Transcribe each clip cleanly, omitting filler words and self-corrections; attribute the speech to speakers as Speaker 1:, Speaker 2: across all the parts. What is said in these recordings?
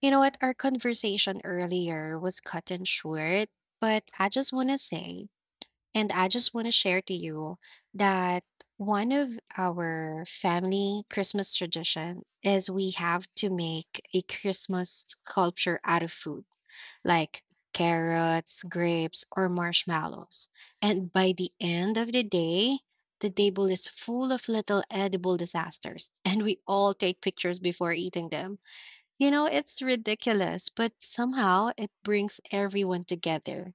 Speaker 1: You know what? Our conversation earlier was cut and short, but I just want to say, and I just want to share to you that one of our family Christmas tradition is we have to make a Christmas sculpture out of food, like carrots, grapes, or marshmallows. And by the end of the day, the table is full of little edible disasters, and we all take pictures before eating them. You know, it's ridiculous, but somehow it brings everyone together.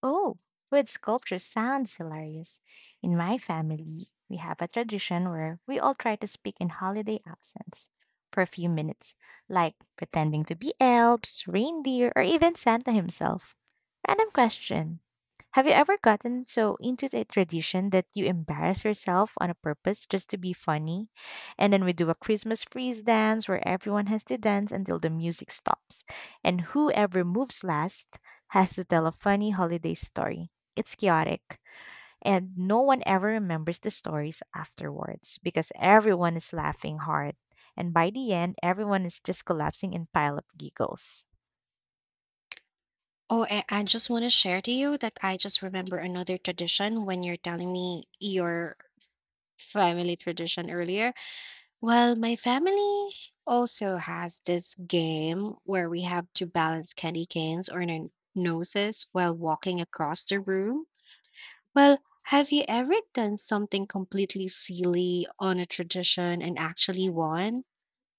Speaker 2: Oh, wood sculpture sounds hilarious. In my family, we have a tradition where we all try to speak in holiday accents for a few minutes, like pretending to be elves, reindeer, or even Santa himself. Random question. Have you ever gotten so into the tradition that you embarrass yourself on a purpose just to be funny? And then we do a Christmas freeze dance where everyone has to dance until the music stops. And whoever moves last has to tell a funny holiday story. It's chaotic, and no one ever remembers the stories afterwards because everyone is laughing hard. And by the end, everyone is just collapsing in pile of giggles.
Speaker 1: Oh, and I just want to share to you that I just remember another tradition when you're telling me your family tradition earlier. Well, my family also has this game where we have to balance candy canes on our noses while walking across the room. Well, have you ever done something completely silly on a tradition and actually won?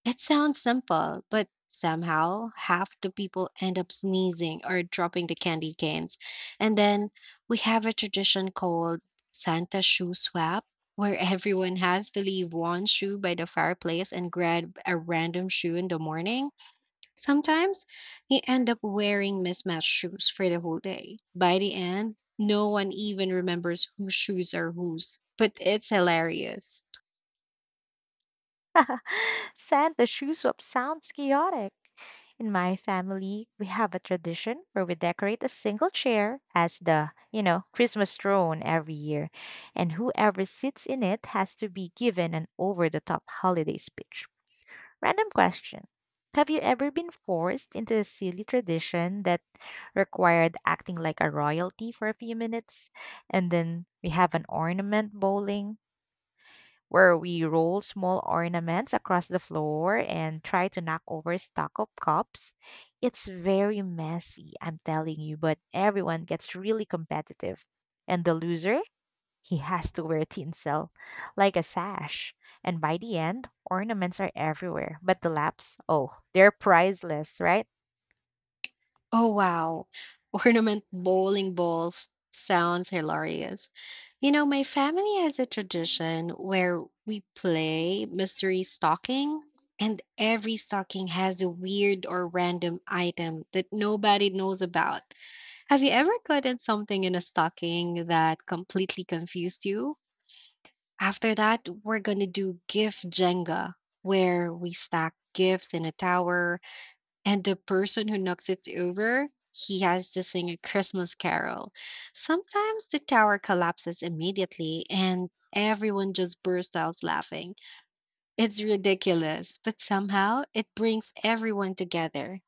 Speaker 1: It sounds simple, but somehow half the people end up sneezing or dropping the candy canes. And then we have a tradition called Santa shoe swap, where everyone has to leave one shoe by the fireplace and grab a random shoe in the morning. Sometimes you end up wearing mismatched shoes for the whole day. By the end, no one even remembers whose shoes are whose, but it's hilarious.
Speaker 2: Santa shoe swap sounds chaotic. In my family, we have a tradition where we decorate a single chair as the, Christmas throne every year, and whoever sits in it has to be given an over the top holiday speech. Random question. Have you ever been forced into a silly tradition that required acting like a royalty for a few minutes? And then we have an ornament bowling where we roll small ornaments across the floor and try to knock over stock of cups. It's very messy, I'm telling you, but everyone gets really competitive. And the loser he has to wear tinsel, like a sash. And by the end, ornaments are everywhere. But the laps, oh, they're priceless, right?
Speaker 1: Oh wow. Ornament bowling balls sounds hilarious. You know, my family has a tradition where we play mystery stocking, and every stocking has a weird or random item that nobody knows about. Have you ever gotten something in a stocking that completely confused you? After that, we're going to do gift Jenga, where we stack gifts in a tower and the person who knocks it over, he has to sing a Christmas carol. Sometimes the tower collapses immediately and everyone just bursts out laughing. It's ridiculous, but somehow it brings everyone together.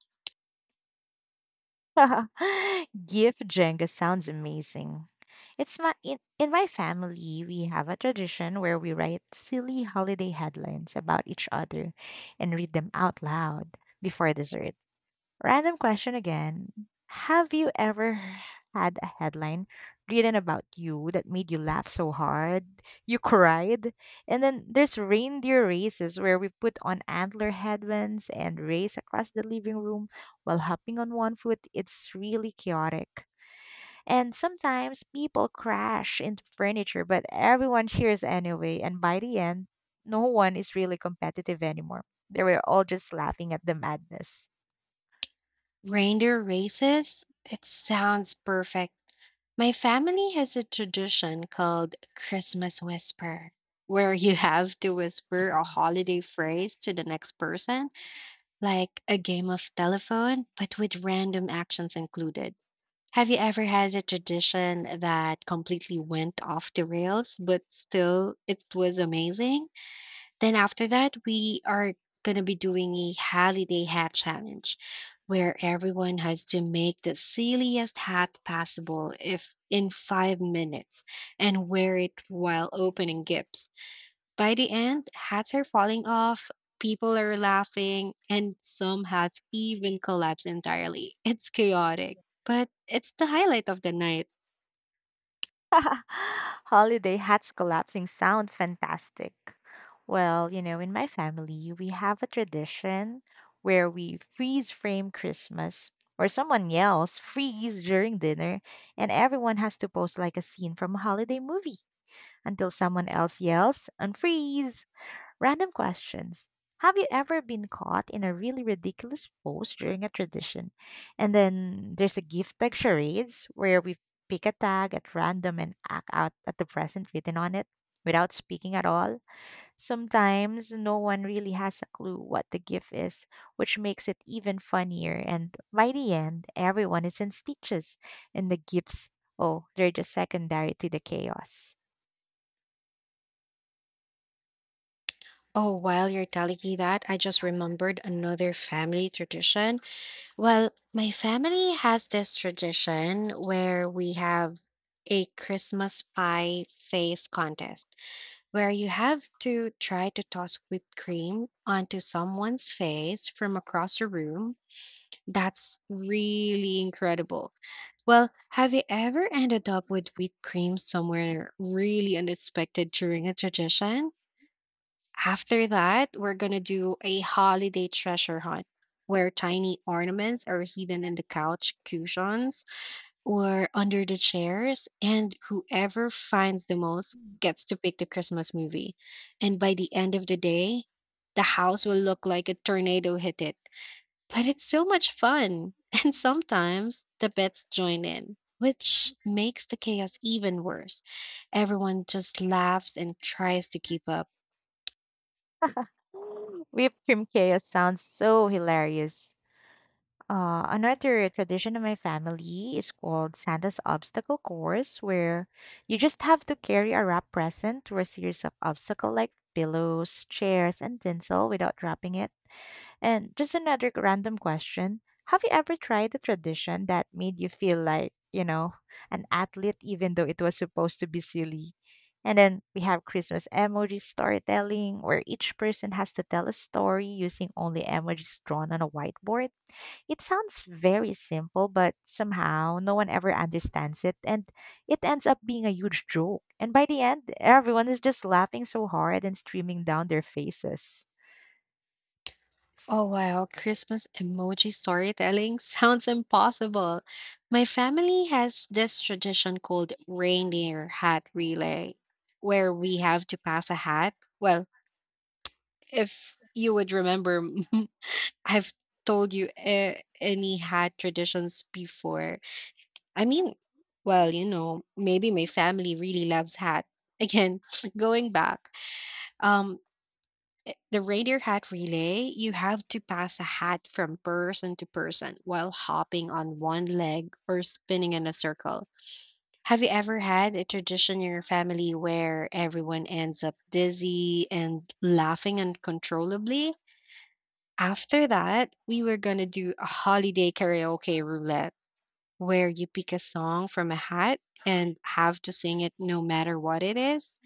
Speaker 2: Gift Jenga sounds amazing. It's my in my family, we have a tradition where we write silly holiday headlines about each other and read them out loud before dessert. Random question again. Have you ever had a headline written about you that made you laugh so hard you cried? And then there's reindeer races where we put on antler headbands and race across the living room while hopping on one foot. It's really chaotic. And sometimes people crash into furniture, but everyone cheers anyway. And by the end, no one is really competitive anymore. They were all just laughing at the madness.
Speaker 1: Reindeer races, it sounds perfect. My family has a tradition called Christmas Whisper, where you have to whisper a holiday phrase to the next person like a game of telephone, but with random actions included. Have you ever had a tradition that completely went off the rails, but still it was amazing? Then after that, we are going to be doing a holiday hat challenge where everyone has to make the silliest hat possible if in 5 minutes and wear it while opening gifts. By the end, hats are falling off, people are laughing, and some hats even collapse entirely. It's chaotic, but it's the highlight of the night.
Speaker 2: Holiday hats collapsing sound fantastic. Well, in my family, we have a tradition where we freeze frame Christmas, or someone yells freeze during dinner, and everyone has to post like a scene from a holiday movie until someone else yells unfreeze. Random questions. Have you ever been caught in a really ridiculous pose during a tradition? And then there's a gift tag charades where we pick a tag at random and act out at the present written on it without speaking at all. Sometimes no one really has a clue what the gift is, which makes it even funnier. And by the end, everyone is in stitches, and the gifts, oh, they're just secondary to the chaos.
Speaker 1: Oh, while you're telling me that, I just remembered another family tradition. Well, my family has this tradition where we have a Christmas pie face contest where you have to try to toss whipped cream onto someone's face from across the room. That's really incredible. Well, have you ever ended up with wheat cream somewhere really unexpected during a tradition? After that, we're going to do a holiday treasure hunt where tiny ornaments are hidden in the couch cushions or under the chairs, and whoever finds the most gets to pick the Christmas movie. And by the end of the day, the house will look like a tornado hit it. But it's so much fun, and sometimes the pets join in, which makes the chaos even worse. Everyone just laughs and tries to keep up.
Speaker 2: Whipped cream chaos sounds so hilarious. Another tradition in my family is called Santa's Obstacle Course, where you just have to carry a wrapped present through a series of obstacles like pillows, chairs, and tinsel without dropping it. And just another random question. Have you ever tried a tradition that made you feel like, an athlete even though it was supposed to be silly? And then we have Christmas emoji storytelling, where each person has to tell a story using only emojis drawn on a whiteboard. It sounds very simple, but somehow no one ever understands it, and it ends up being a huge joke. And by the end, everyone is just laughing so hard and streaming down their faces.
Speaker 1: Oh wow, Christmas emoji storytelling sounds impossible. My family has this tradition called reindeer hat relay, where we have to pass a hat. Well, if you would remember, I've told you any hat traditions before. I mean, well, you know, maybe my family really loves hat. Again, going back, um, the reindeer hat relay, you have to pass a hat from person to person while hopping on one leg or spinning in a circle. Have you ever had a tradition in your family where everyone ends up dizzy and laughing uncontrollably? After that, we were going to do a holiday karaoke roulette where you pick a song from a hat and have to sing it no matter what it is.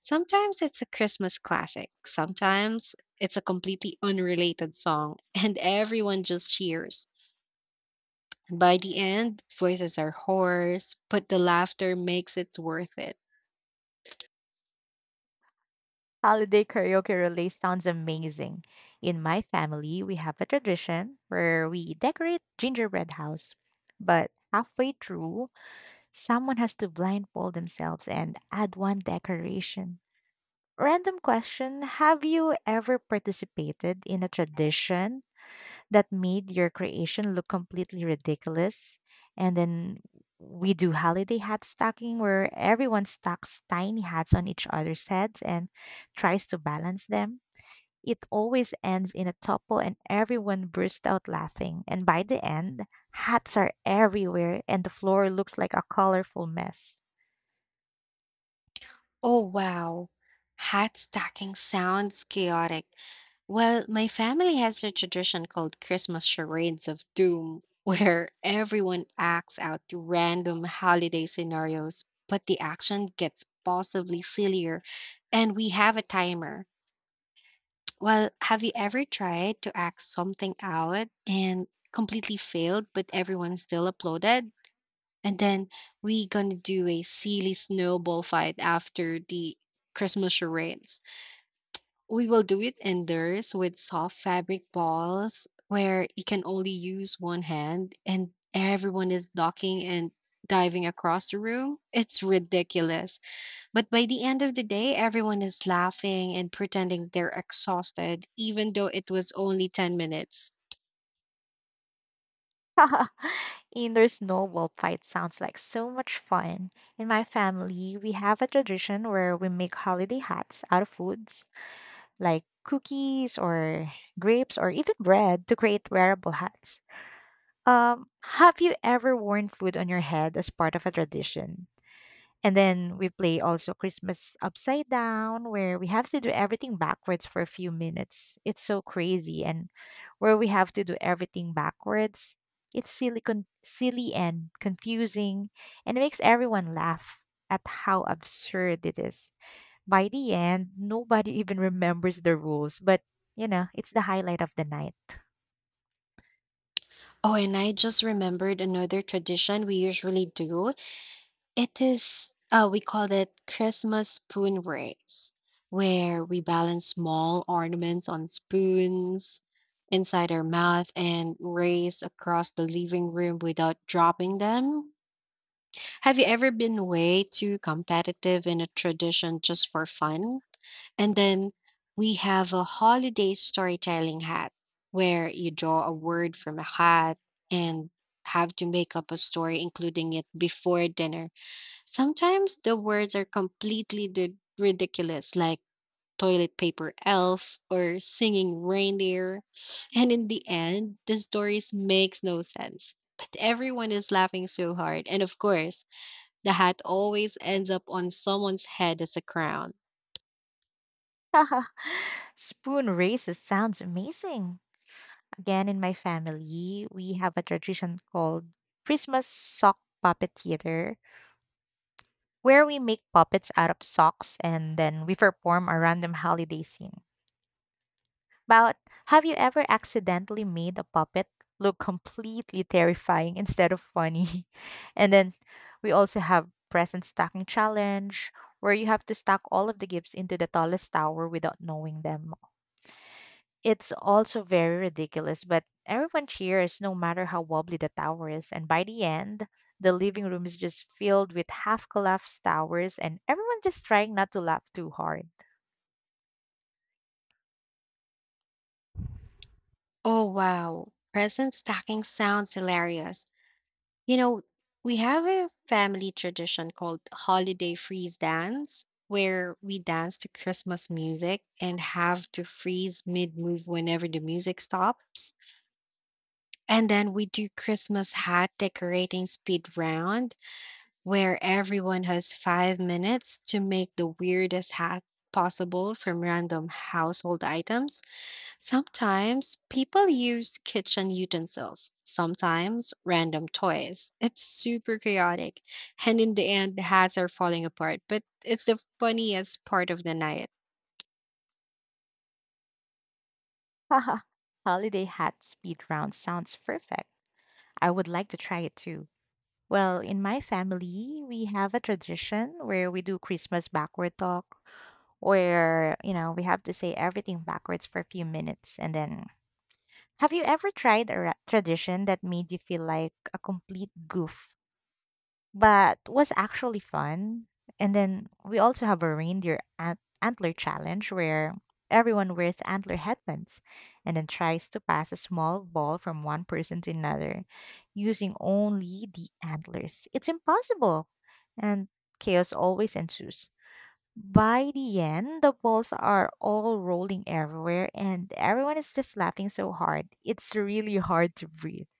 Speaker 1: Sometimes it's a Christmas classic, sometimes it's a completely unrelated song, and everyone just cheers. By the end, voices are hoarse, but the laughter makes it worth it.
Speaker 2: Holiday karaoke relay sounds amazing. In my family, we have a tradition where we decorate gingerbread house, but halfway through, someone has to blindfold themselves and add one decoration. Random question. Have you ever participated in a tradition that made your creation look completely ridiculous? And then we do holiday hat stocking where everyone stocks tiny hats on each other's heads and tries to balance them. It always ends in a topple and everyone bursts out laughing. And by the end, hats are everywhere and the floor looks like a colorful mess.
Speaker 1: Oh, wow. Hat stacking sounds chaotic. Well, my family has a tradition called Christmas charades of doom, where everyone acts out random holiday scenarios, but the action gets possibly sillier, and we have a timer. Well, have you ever tried to act something out and completely failed, but everyone still applauded? And then we gonna do a silly snowball fight after the Christmas charades. We will do it indoors with soft fabric balls where you can only use one hand and everyone is docking and diving across the room. It's ridiculous. But by the end of the day, everyone is laughing and pretending they're exhausted, even though it was only 10 minutes.
Speaker 2: Indoor snowball fight sounds like so much fun. In my family, we have a tradition where we make holiday hats out of foods like cookies or grapes or even bread to create wearable hats. Have you ever worn food on your head as part of a tradition? And then we play also Christmas upside down, where we have to do everything backwards for a few minutes. It's so crazy, and where we have to do everything backwards. It's silly and confusing, and it makes everyone laugh at how absurd it is. By the end, nobody even remembers the rules, but it's the highlight of the night.
Speaker 1: Oh, and I just remembered another tradition we usually do. It is, we call it Christmas spoon race, where we balance small ornaments on spoons inside our mouth and race across the living room without dropping them. Have you ever been way too competitive in a tradition just for fun? And then we have a holiday storytelling hat where you draw a word from a hat and have to make up a story including it before dinner. Sometimes the words are completely ridiculous, like toilet paper elf or singing reindeer. And in the end, the stories makes no sense. But everyone is laughing so hard. And of course, the hat always ends up on someone's head as a crown.
Speaker 2: Spoon races sounds amazing. Again, in my family, we have a tradition called Christmas sock puppet theater, where we make puppets out of socks and then we perform a random holiday scene. But have you ever accidentally made a puppet look completely terrifying instead of funny? And then we also have present stacking challenge where you have to stack all of the gifts into the tallest tower without knowing them. It's also very ridiculous, but everyone cheers no matter how wobbly the tower is. And by the end, the living room is just filled with half collapsed towers and everyone just trying not to laugh too hard.
Speaker 1: Oh wow, present stacking sounds hilarious. You know, we have a family tradition called holiday freeze dance, where we dance to Christmas music and have to freeze mid move whenever the music stops. And then we do Christmas hat decorating speed round, where everyone has 5 minutes to make the weirdest hat possible from random household items. Sometimes people use kitchen utensils, sometimes random toys. It's super chaotic. And in the end, the hats are falling apart, but it's the funniest part of the night.
Speaker 2: Haha. Holiday hat speed round sounds perfect. I would like to try it too. Well, in my family, we have a tradition where we do Christmas backward talk, where, we have to say everything backwards for a few minutes. And then, have you ever tried a tradition that made you feel like a complete goof but was actually fun? And then we also have a reindeer antler challenge where everyone wears antler headbands and then tries to pass a small ball from one person to another using only the antlers. It's impossible, and chaos always ensues. By the end, the balls are all rolling everywhere, and everyone is just laughing so hard. It's really hard to breathe.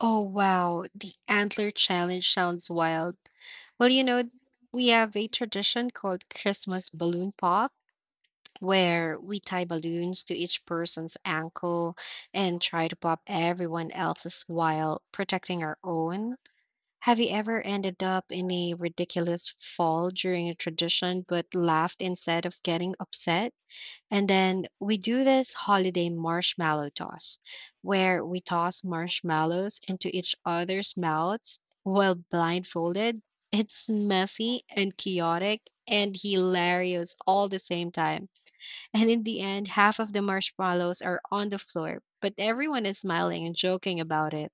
Speaker 1: Oh, wow. The antler challenge sounds wild. Well, you know, we have a tradition called Christmas balloon pop, where we tie balloons to each person's ankle and try to pop everyone else's while protecting our own. Have you ever ended up in a ridiculous fall during a tradition but laughed instead of getting upset? And then we do this holiday marshmallow toss where we toss marshmallows into each other's mouths while blindfolded. It's messy and chaotic and hilarious all the same time. And in the end, half of the marshmallows are on the floor, but everyone is smiling and joking about it.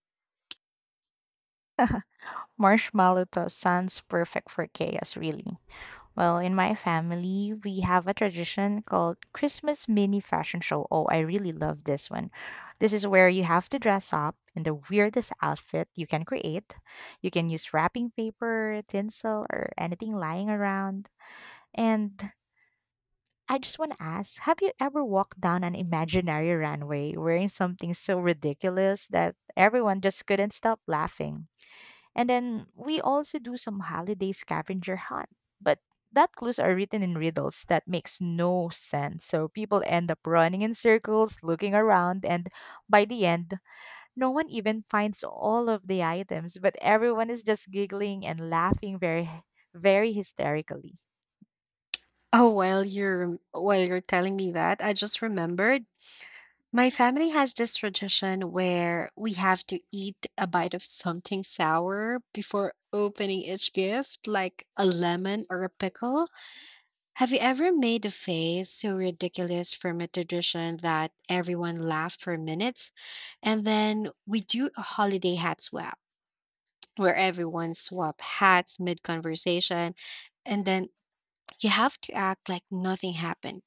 Speaker 2: Marshmallow toast sounds perfect for chaos, really. Well, in my family, we have a tradition called Christmas mini fashion show. Oh, I really love this one. This is where you have to dress up in the weirdest outfit you can create. You can use wrapping paper, tinsel, or anything lying around. And I just want to ask, have you ever walked down an imaginary runway wearing something so ridiculous that everyone just couldn't stop laughing? And then we also do some holiday scavenger hunt. But that clues are written in riddles that makes no sense. So people end up running in circles, looking around, and by the end, no one even finds all of the items, but everyone is just giggling and laughing very very hysterically.
Speaker 1: Oh, while you're telling me that, I just remembered my family has this tradition where we have to eat a bite of something sour before opening each gift, like a lemon or a pickle. Have you ever made a face so ridiculous from a tradition that everyone laughed for minutes? And then we do a holiday hat swap where everyone swap hats mid conversation, and then you have to act like nothing happened.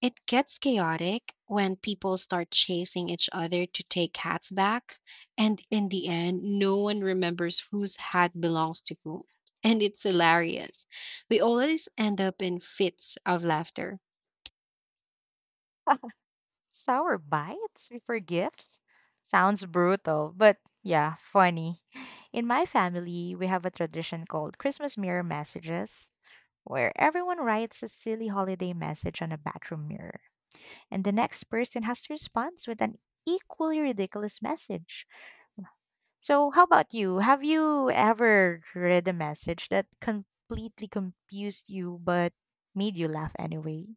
Speaker 1: It gets chaotic when people start chasing each other to take hats back, and in the end, no one remembers whose hat belongs to whom. And it's hilarious. We always end up in fits of laughter.
Speaker 2: Sour bites before gifts? Sounds brutal, but yeah, funny. In my family, we have a tradition called Christmas mirror messages, where everyone writes a silly holiday message on a bathroom mirror, and the next person has to respond with an equally ridiculous message. So, how about you? Have you ever read a message that completely confused you but made you laugh anyway?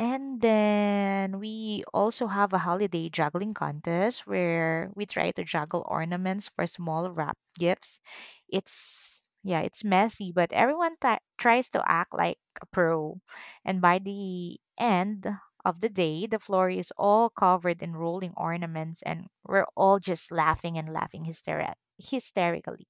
Speaker 2: And then we also have a holiday juggling contest where we try to juggle ornaments for small wrap gifts. It's yeah, it's messy, but everyone tries to act like a pro. And by the end of the day, the floor is all covered in rolling ornaments and we're all just laughing and laughing hysterically.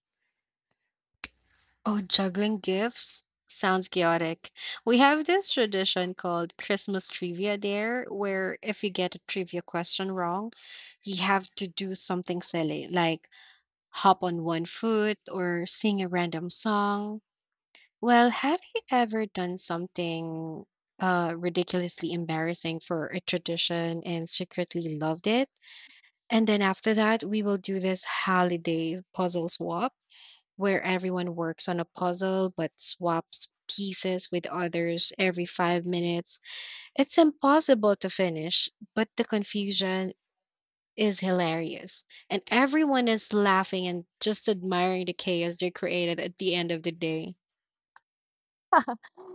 Speaker 1: Oh, juggling gifts sounds chaotic. We have this tradition called Christmas Trivia there, where if you get a trivia question wrong, you have to do something silly, like hop on one foot or sing a random song. Well, have you ever done something ridiculously embarrassing for a tradition and secretly loved it? And then after that, we will do this holiday puzzle swap where everyone works on a puzzle but swaps pieces with others every 5 minutes. It's impossible to finish, but the confusion is hilarious. And everyone is laughing and just admiring the chaos they created at the end of the day.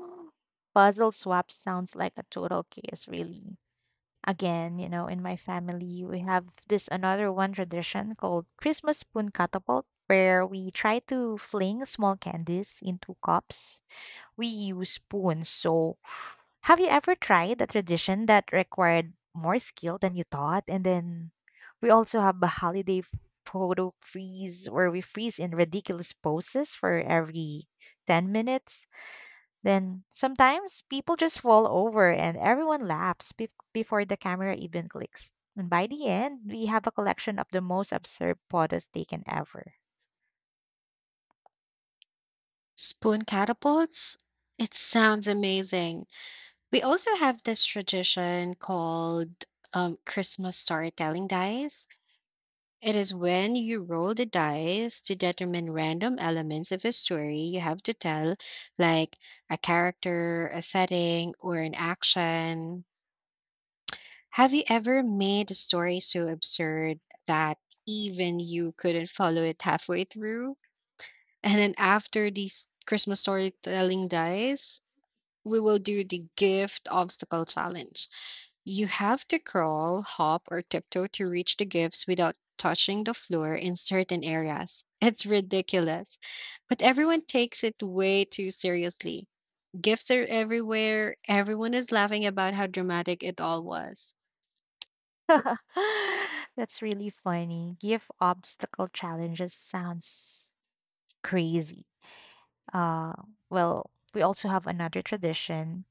Speaker 2: Puzzle swap sounds like a total chaos, really. Again, in my family, we have this another one tradition called Christmas spoon catapult, where we try to fling small candies into cups. We use spoons. So, have you ever tried a tradition that required more skill than you thought? And then we also have a holiday photo freeze where we freeze in ridiculous poses for every 10 minutes. Then sometimes people just fall over and everyone laughs before the camera even clicks. And by the end, we have a collection of the most absurd photos taken ever.
Speaker 1: Spoon catapults? It sounds amazing. We also have this tradition called Christmas storytelling dice. It is when you roll the dice to determine random elements of a story you have to tell, like a character, a setting, or an action. Have you ever made a story so absurd that even you couldn't follow it halfway through? And then after these Christmas storytelling dies, we will do the gift obstacle challenge. You have to crawl, hop, or tiptoe to reach the gifts without touching the floor in certain areas. It's ridiculous. But everyone takes it way too seriously. Gifts are everywhere. Everyone is laughing about how dramatic it all was.
Speaker 2: That's really funny. Give obstacle challenges sounds crazy. Uh, well, we also have another tradition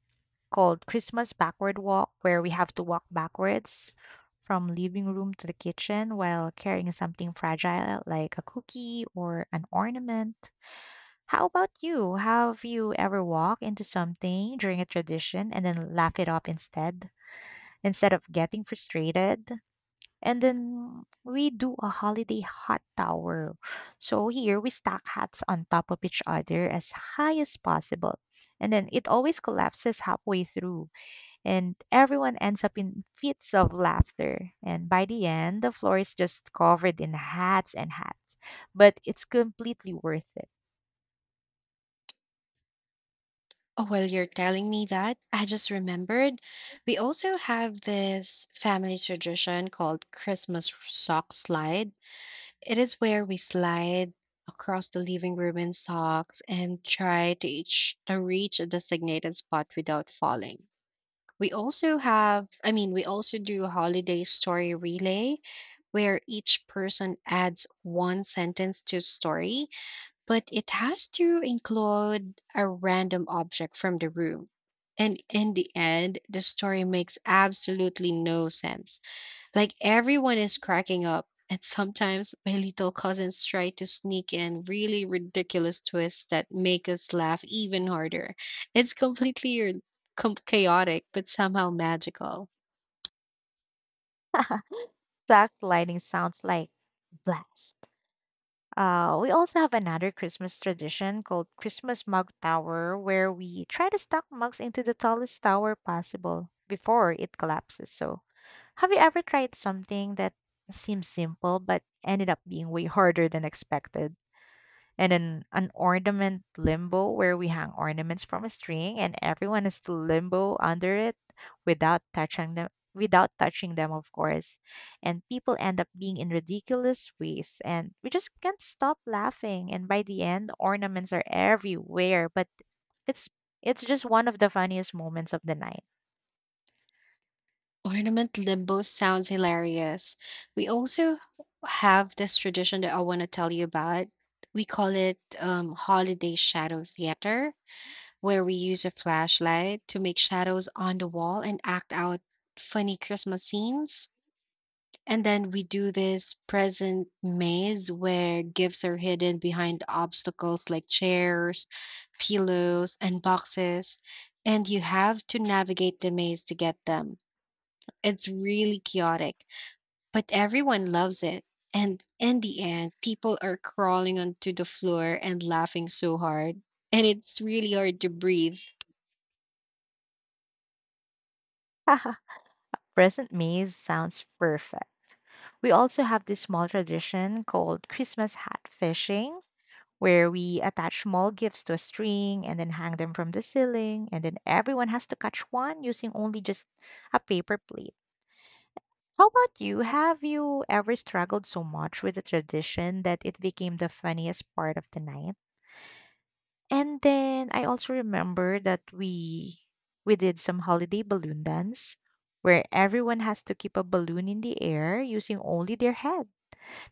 Speaker 2: called Christmas Backward Walk, where we have to walk backwards from living room to the kitchen while carrying something fragile like a cookie or an ornament. How about you? Have you ever walked into something during a tradition and then laugh it off instead of getting frustrated? And then we do a holiday hot tower. So here we stack hats on top of each other as high as possible. And then it always collapses halfway through and everyone ends up in fits of laughter. And by the end, the floor is just covered in hats and hats, but it's completely worth it.
Speaker 1: Oh, well, you're telling me that, I just remembered. We also have this family tradition called Christmas sock slide. It is where we slide across the living room in socks and try to reach a designated spot without falling. We also have, we also do a holiday story relay where each person adds one sentence to story, but it has to include a random object from the room. And in the end, the story makes absolutely no sense, like everyone is cracking up, and sometimes my little cousins try to sneak in really ridiculous twists that make us laugh even harder. It's completely chaotic, but somehow magical.
Speaker 2: Sax lighting sounds like blast. We also have another Christmas tradition called Christmas Mug Tower, where we try to stack mugs into the tallest tower possible before it collapses. So, have you ever tried something that seems simple but ended up being way harder than expected? And then an ornament limbo where we hang ornaments from a string and everyone is to limbo under it without touching them without touching them, of course. And people end up being in ridiculous ways and we just can't stop laughing, and by the end ornaments are everywhere, but it's it's just one of the funniest moments of the night.
Speaker 1: Ornament limbo sounds hilarious. We also have this tradition that I want to tell you about. We call it holiday shadow theater, where we use a flashlight to make shadows on the wall and act out funny Christmas scenes. And then we do this present maze where gifts are hidden behind obstacles like chairs, pillows, and boxes, and you have to navigate the maze to get them. It's really chaotic, but everyone loves it. And in the end, people are crawling onto the floor and laughing so hard, and it's really hard to breathe.
Speaker 2: Present maze sounds perfect. We also have this small tradition called Christmas hat fishing, where we attach small gifts to a string and then hang them from the ceiling, and then everyone has to catch one using only just a paper plate. How about you? Have you ever struggled so much with the tradition that it became the funniest part of the night? And then I also remember that we did some holiday balloon dance where everyone has to keep a balloon in the air using only their head.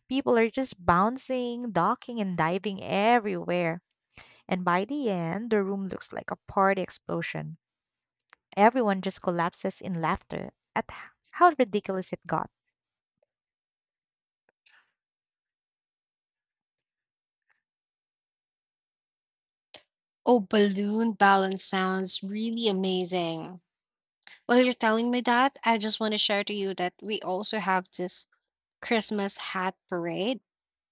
Speaker 2: People are just bouncing, ducking and diving everywhere. And by the end, the room looks like a party explosion. Everyone just collapses in laughter at how ridiculous it got.
Speaker 1: Oh, balloon balance sounds really amazing. While you're telling me that, I just want to share to you that we also have this Christmas hat parade,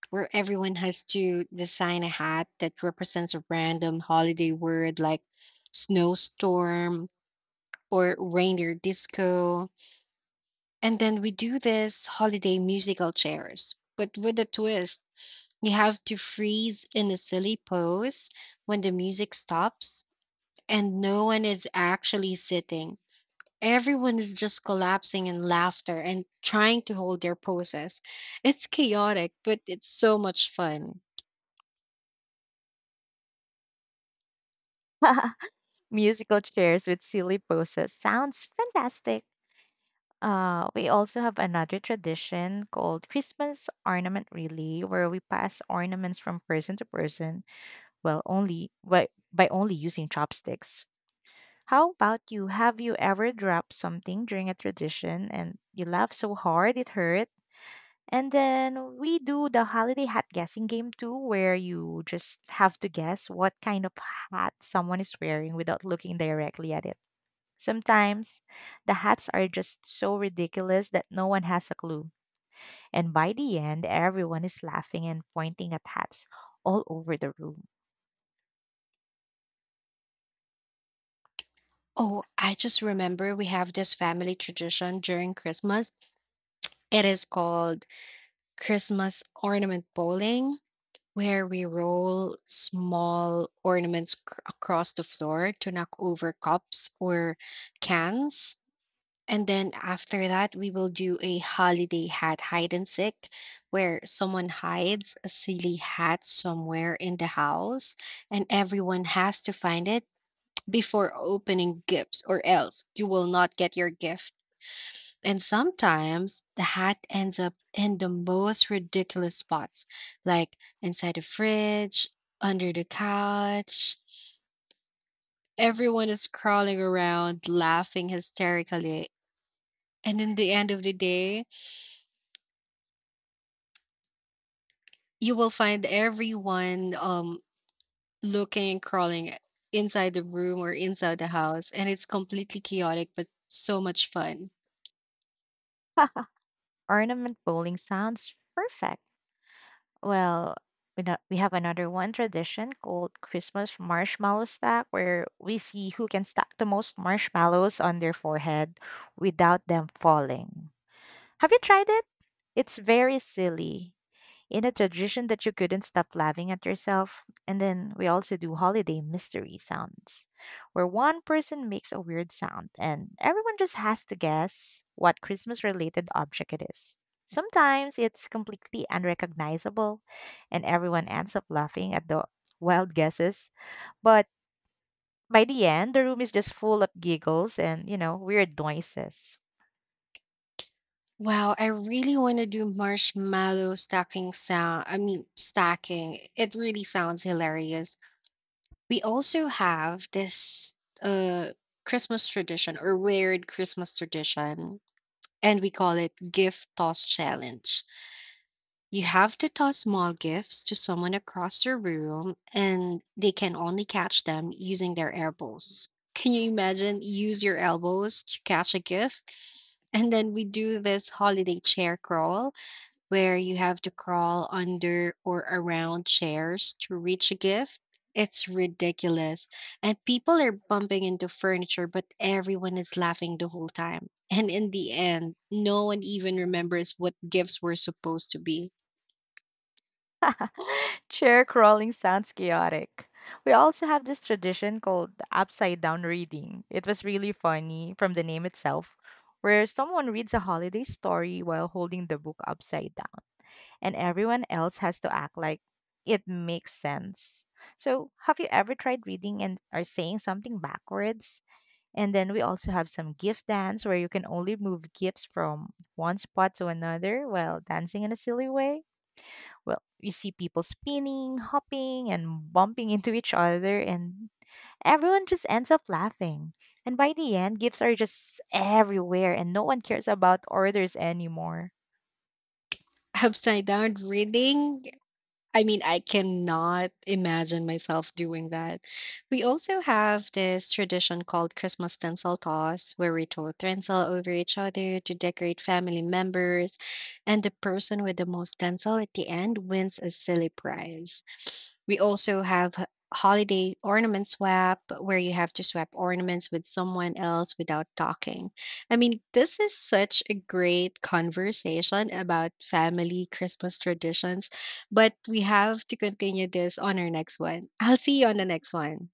Speaker 1: where everyone has to design a hat that represents a random holiday word like snowstorm or reindeer disco. And then we do this holiday musical chairs, but with a twist. You have to freeze in a silly pose when the music stops and no one is actually sitting. Everyone is just collapsing in laughter and trying to hold their poses. It's chaotic, but it's so much fun.
Speaker 2: Musical chairs with silly poses sounds fantastic. We also have another tradition called Christmas ornament relay, where we pass ornaments from person to person. Well, only by only using chopsticks. How about you? Have you ever dropped something during a tradition and you laughed so hard it hurt? And then we do the holiday hat guessing game too, where you just have to guess what kind of hat someone is wearing without looking directly at it. Sometimes the hats are just so ridiculous that no one has a clue. And by the end, everyone is laughing and pointing at hats all over the room.
Speaker 1: Oh, I just remember we have this family tradition during Christmas. It is called Christmas ornament bowling, where we roll small ornaments across the floor to knock over cups or cans. And then after that, we will do a holiday hat hide and seek where someone hides a silly hat somewhere in the house and everyone has to find it before opening gifts, or else you will not get your gift. And sometimes the hat ends up in the most ridiculous spots, like inside the fridge, under the couch. Everyone is crawling around, laughing hysterically. And in the end of the day, you will find everyone looking and crawling inside the room or inside the house, and it's completely chaotic but so much fun.
Speaker 2: Ornament bowling sounds perfect. Well, we no- we have another one tradition called Christmas marshmallow stack, where we see who can stack the most marshmallows on their forehead without them falling. Have you tried it? It's very silly in a tradition that you couldn't stop laughing at yourself. And then we also do holiday mystery sounds, where one person makes a weird sound and everyone just has to guess what Christmas related object it is. Sometimes it's completely unrecognizable and everyone ends up laughing at the wild guesses. But by the end, the room is just full of giggles and, weird noises.
Speaker 1: Wow, I really want to do marshmallow stacking sound I mean stacking. It really sounds hilarious. We also have this uh Christmas tradition, or weird Christmas tradition, and we call it gift toss challenge. You have to toss small gifts to someone across the room, and they can only catch them using their elbows. Can you imagine? Use your elbows to catch a gift. And then we do this holiday chair crawl where you have to crawl under or around chairs to reach a gift. It's ridiculous. And people are bumping into furniture, but everyone is laughing the whole time. And in the end, no one even remembers what gifts were supposed to be.
Speaker 2: Chair crawling sounds chaotic. We also have this tradition called upside down reading. It was really funny from the name itself, where someone reads a holiday story while holding the book upside down, and everyone else has to act like it makes sense. So, have you ever tried reading and are saying something backwards? And then we also have some gift dance where you can only move gifts from one spot to another while dancing in a silly way. Well, you see people spinning, hopping, and bumping into each other, and everyone just ends up laughing. And by the end, gifts are just everywhere, and no one cares about orders anymore.
Speaker 1: Upside down reading? I mean, I cannot imagine myself doing that. We also have this tradition called Christmas tinsel toss, where we throw tinsel over each other to decorate family members, and the person with the most tinsel at the end wins a silly prize. We also have holiday ornament swap, where you have to swap ornaments with someone else without talking. I mean, this is such a great conversation about family Christmas traditions, but we have to continue this on our next one. I'll see you on the next one.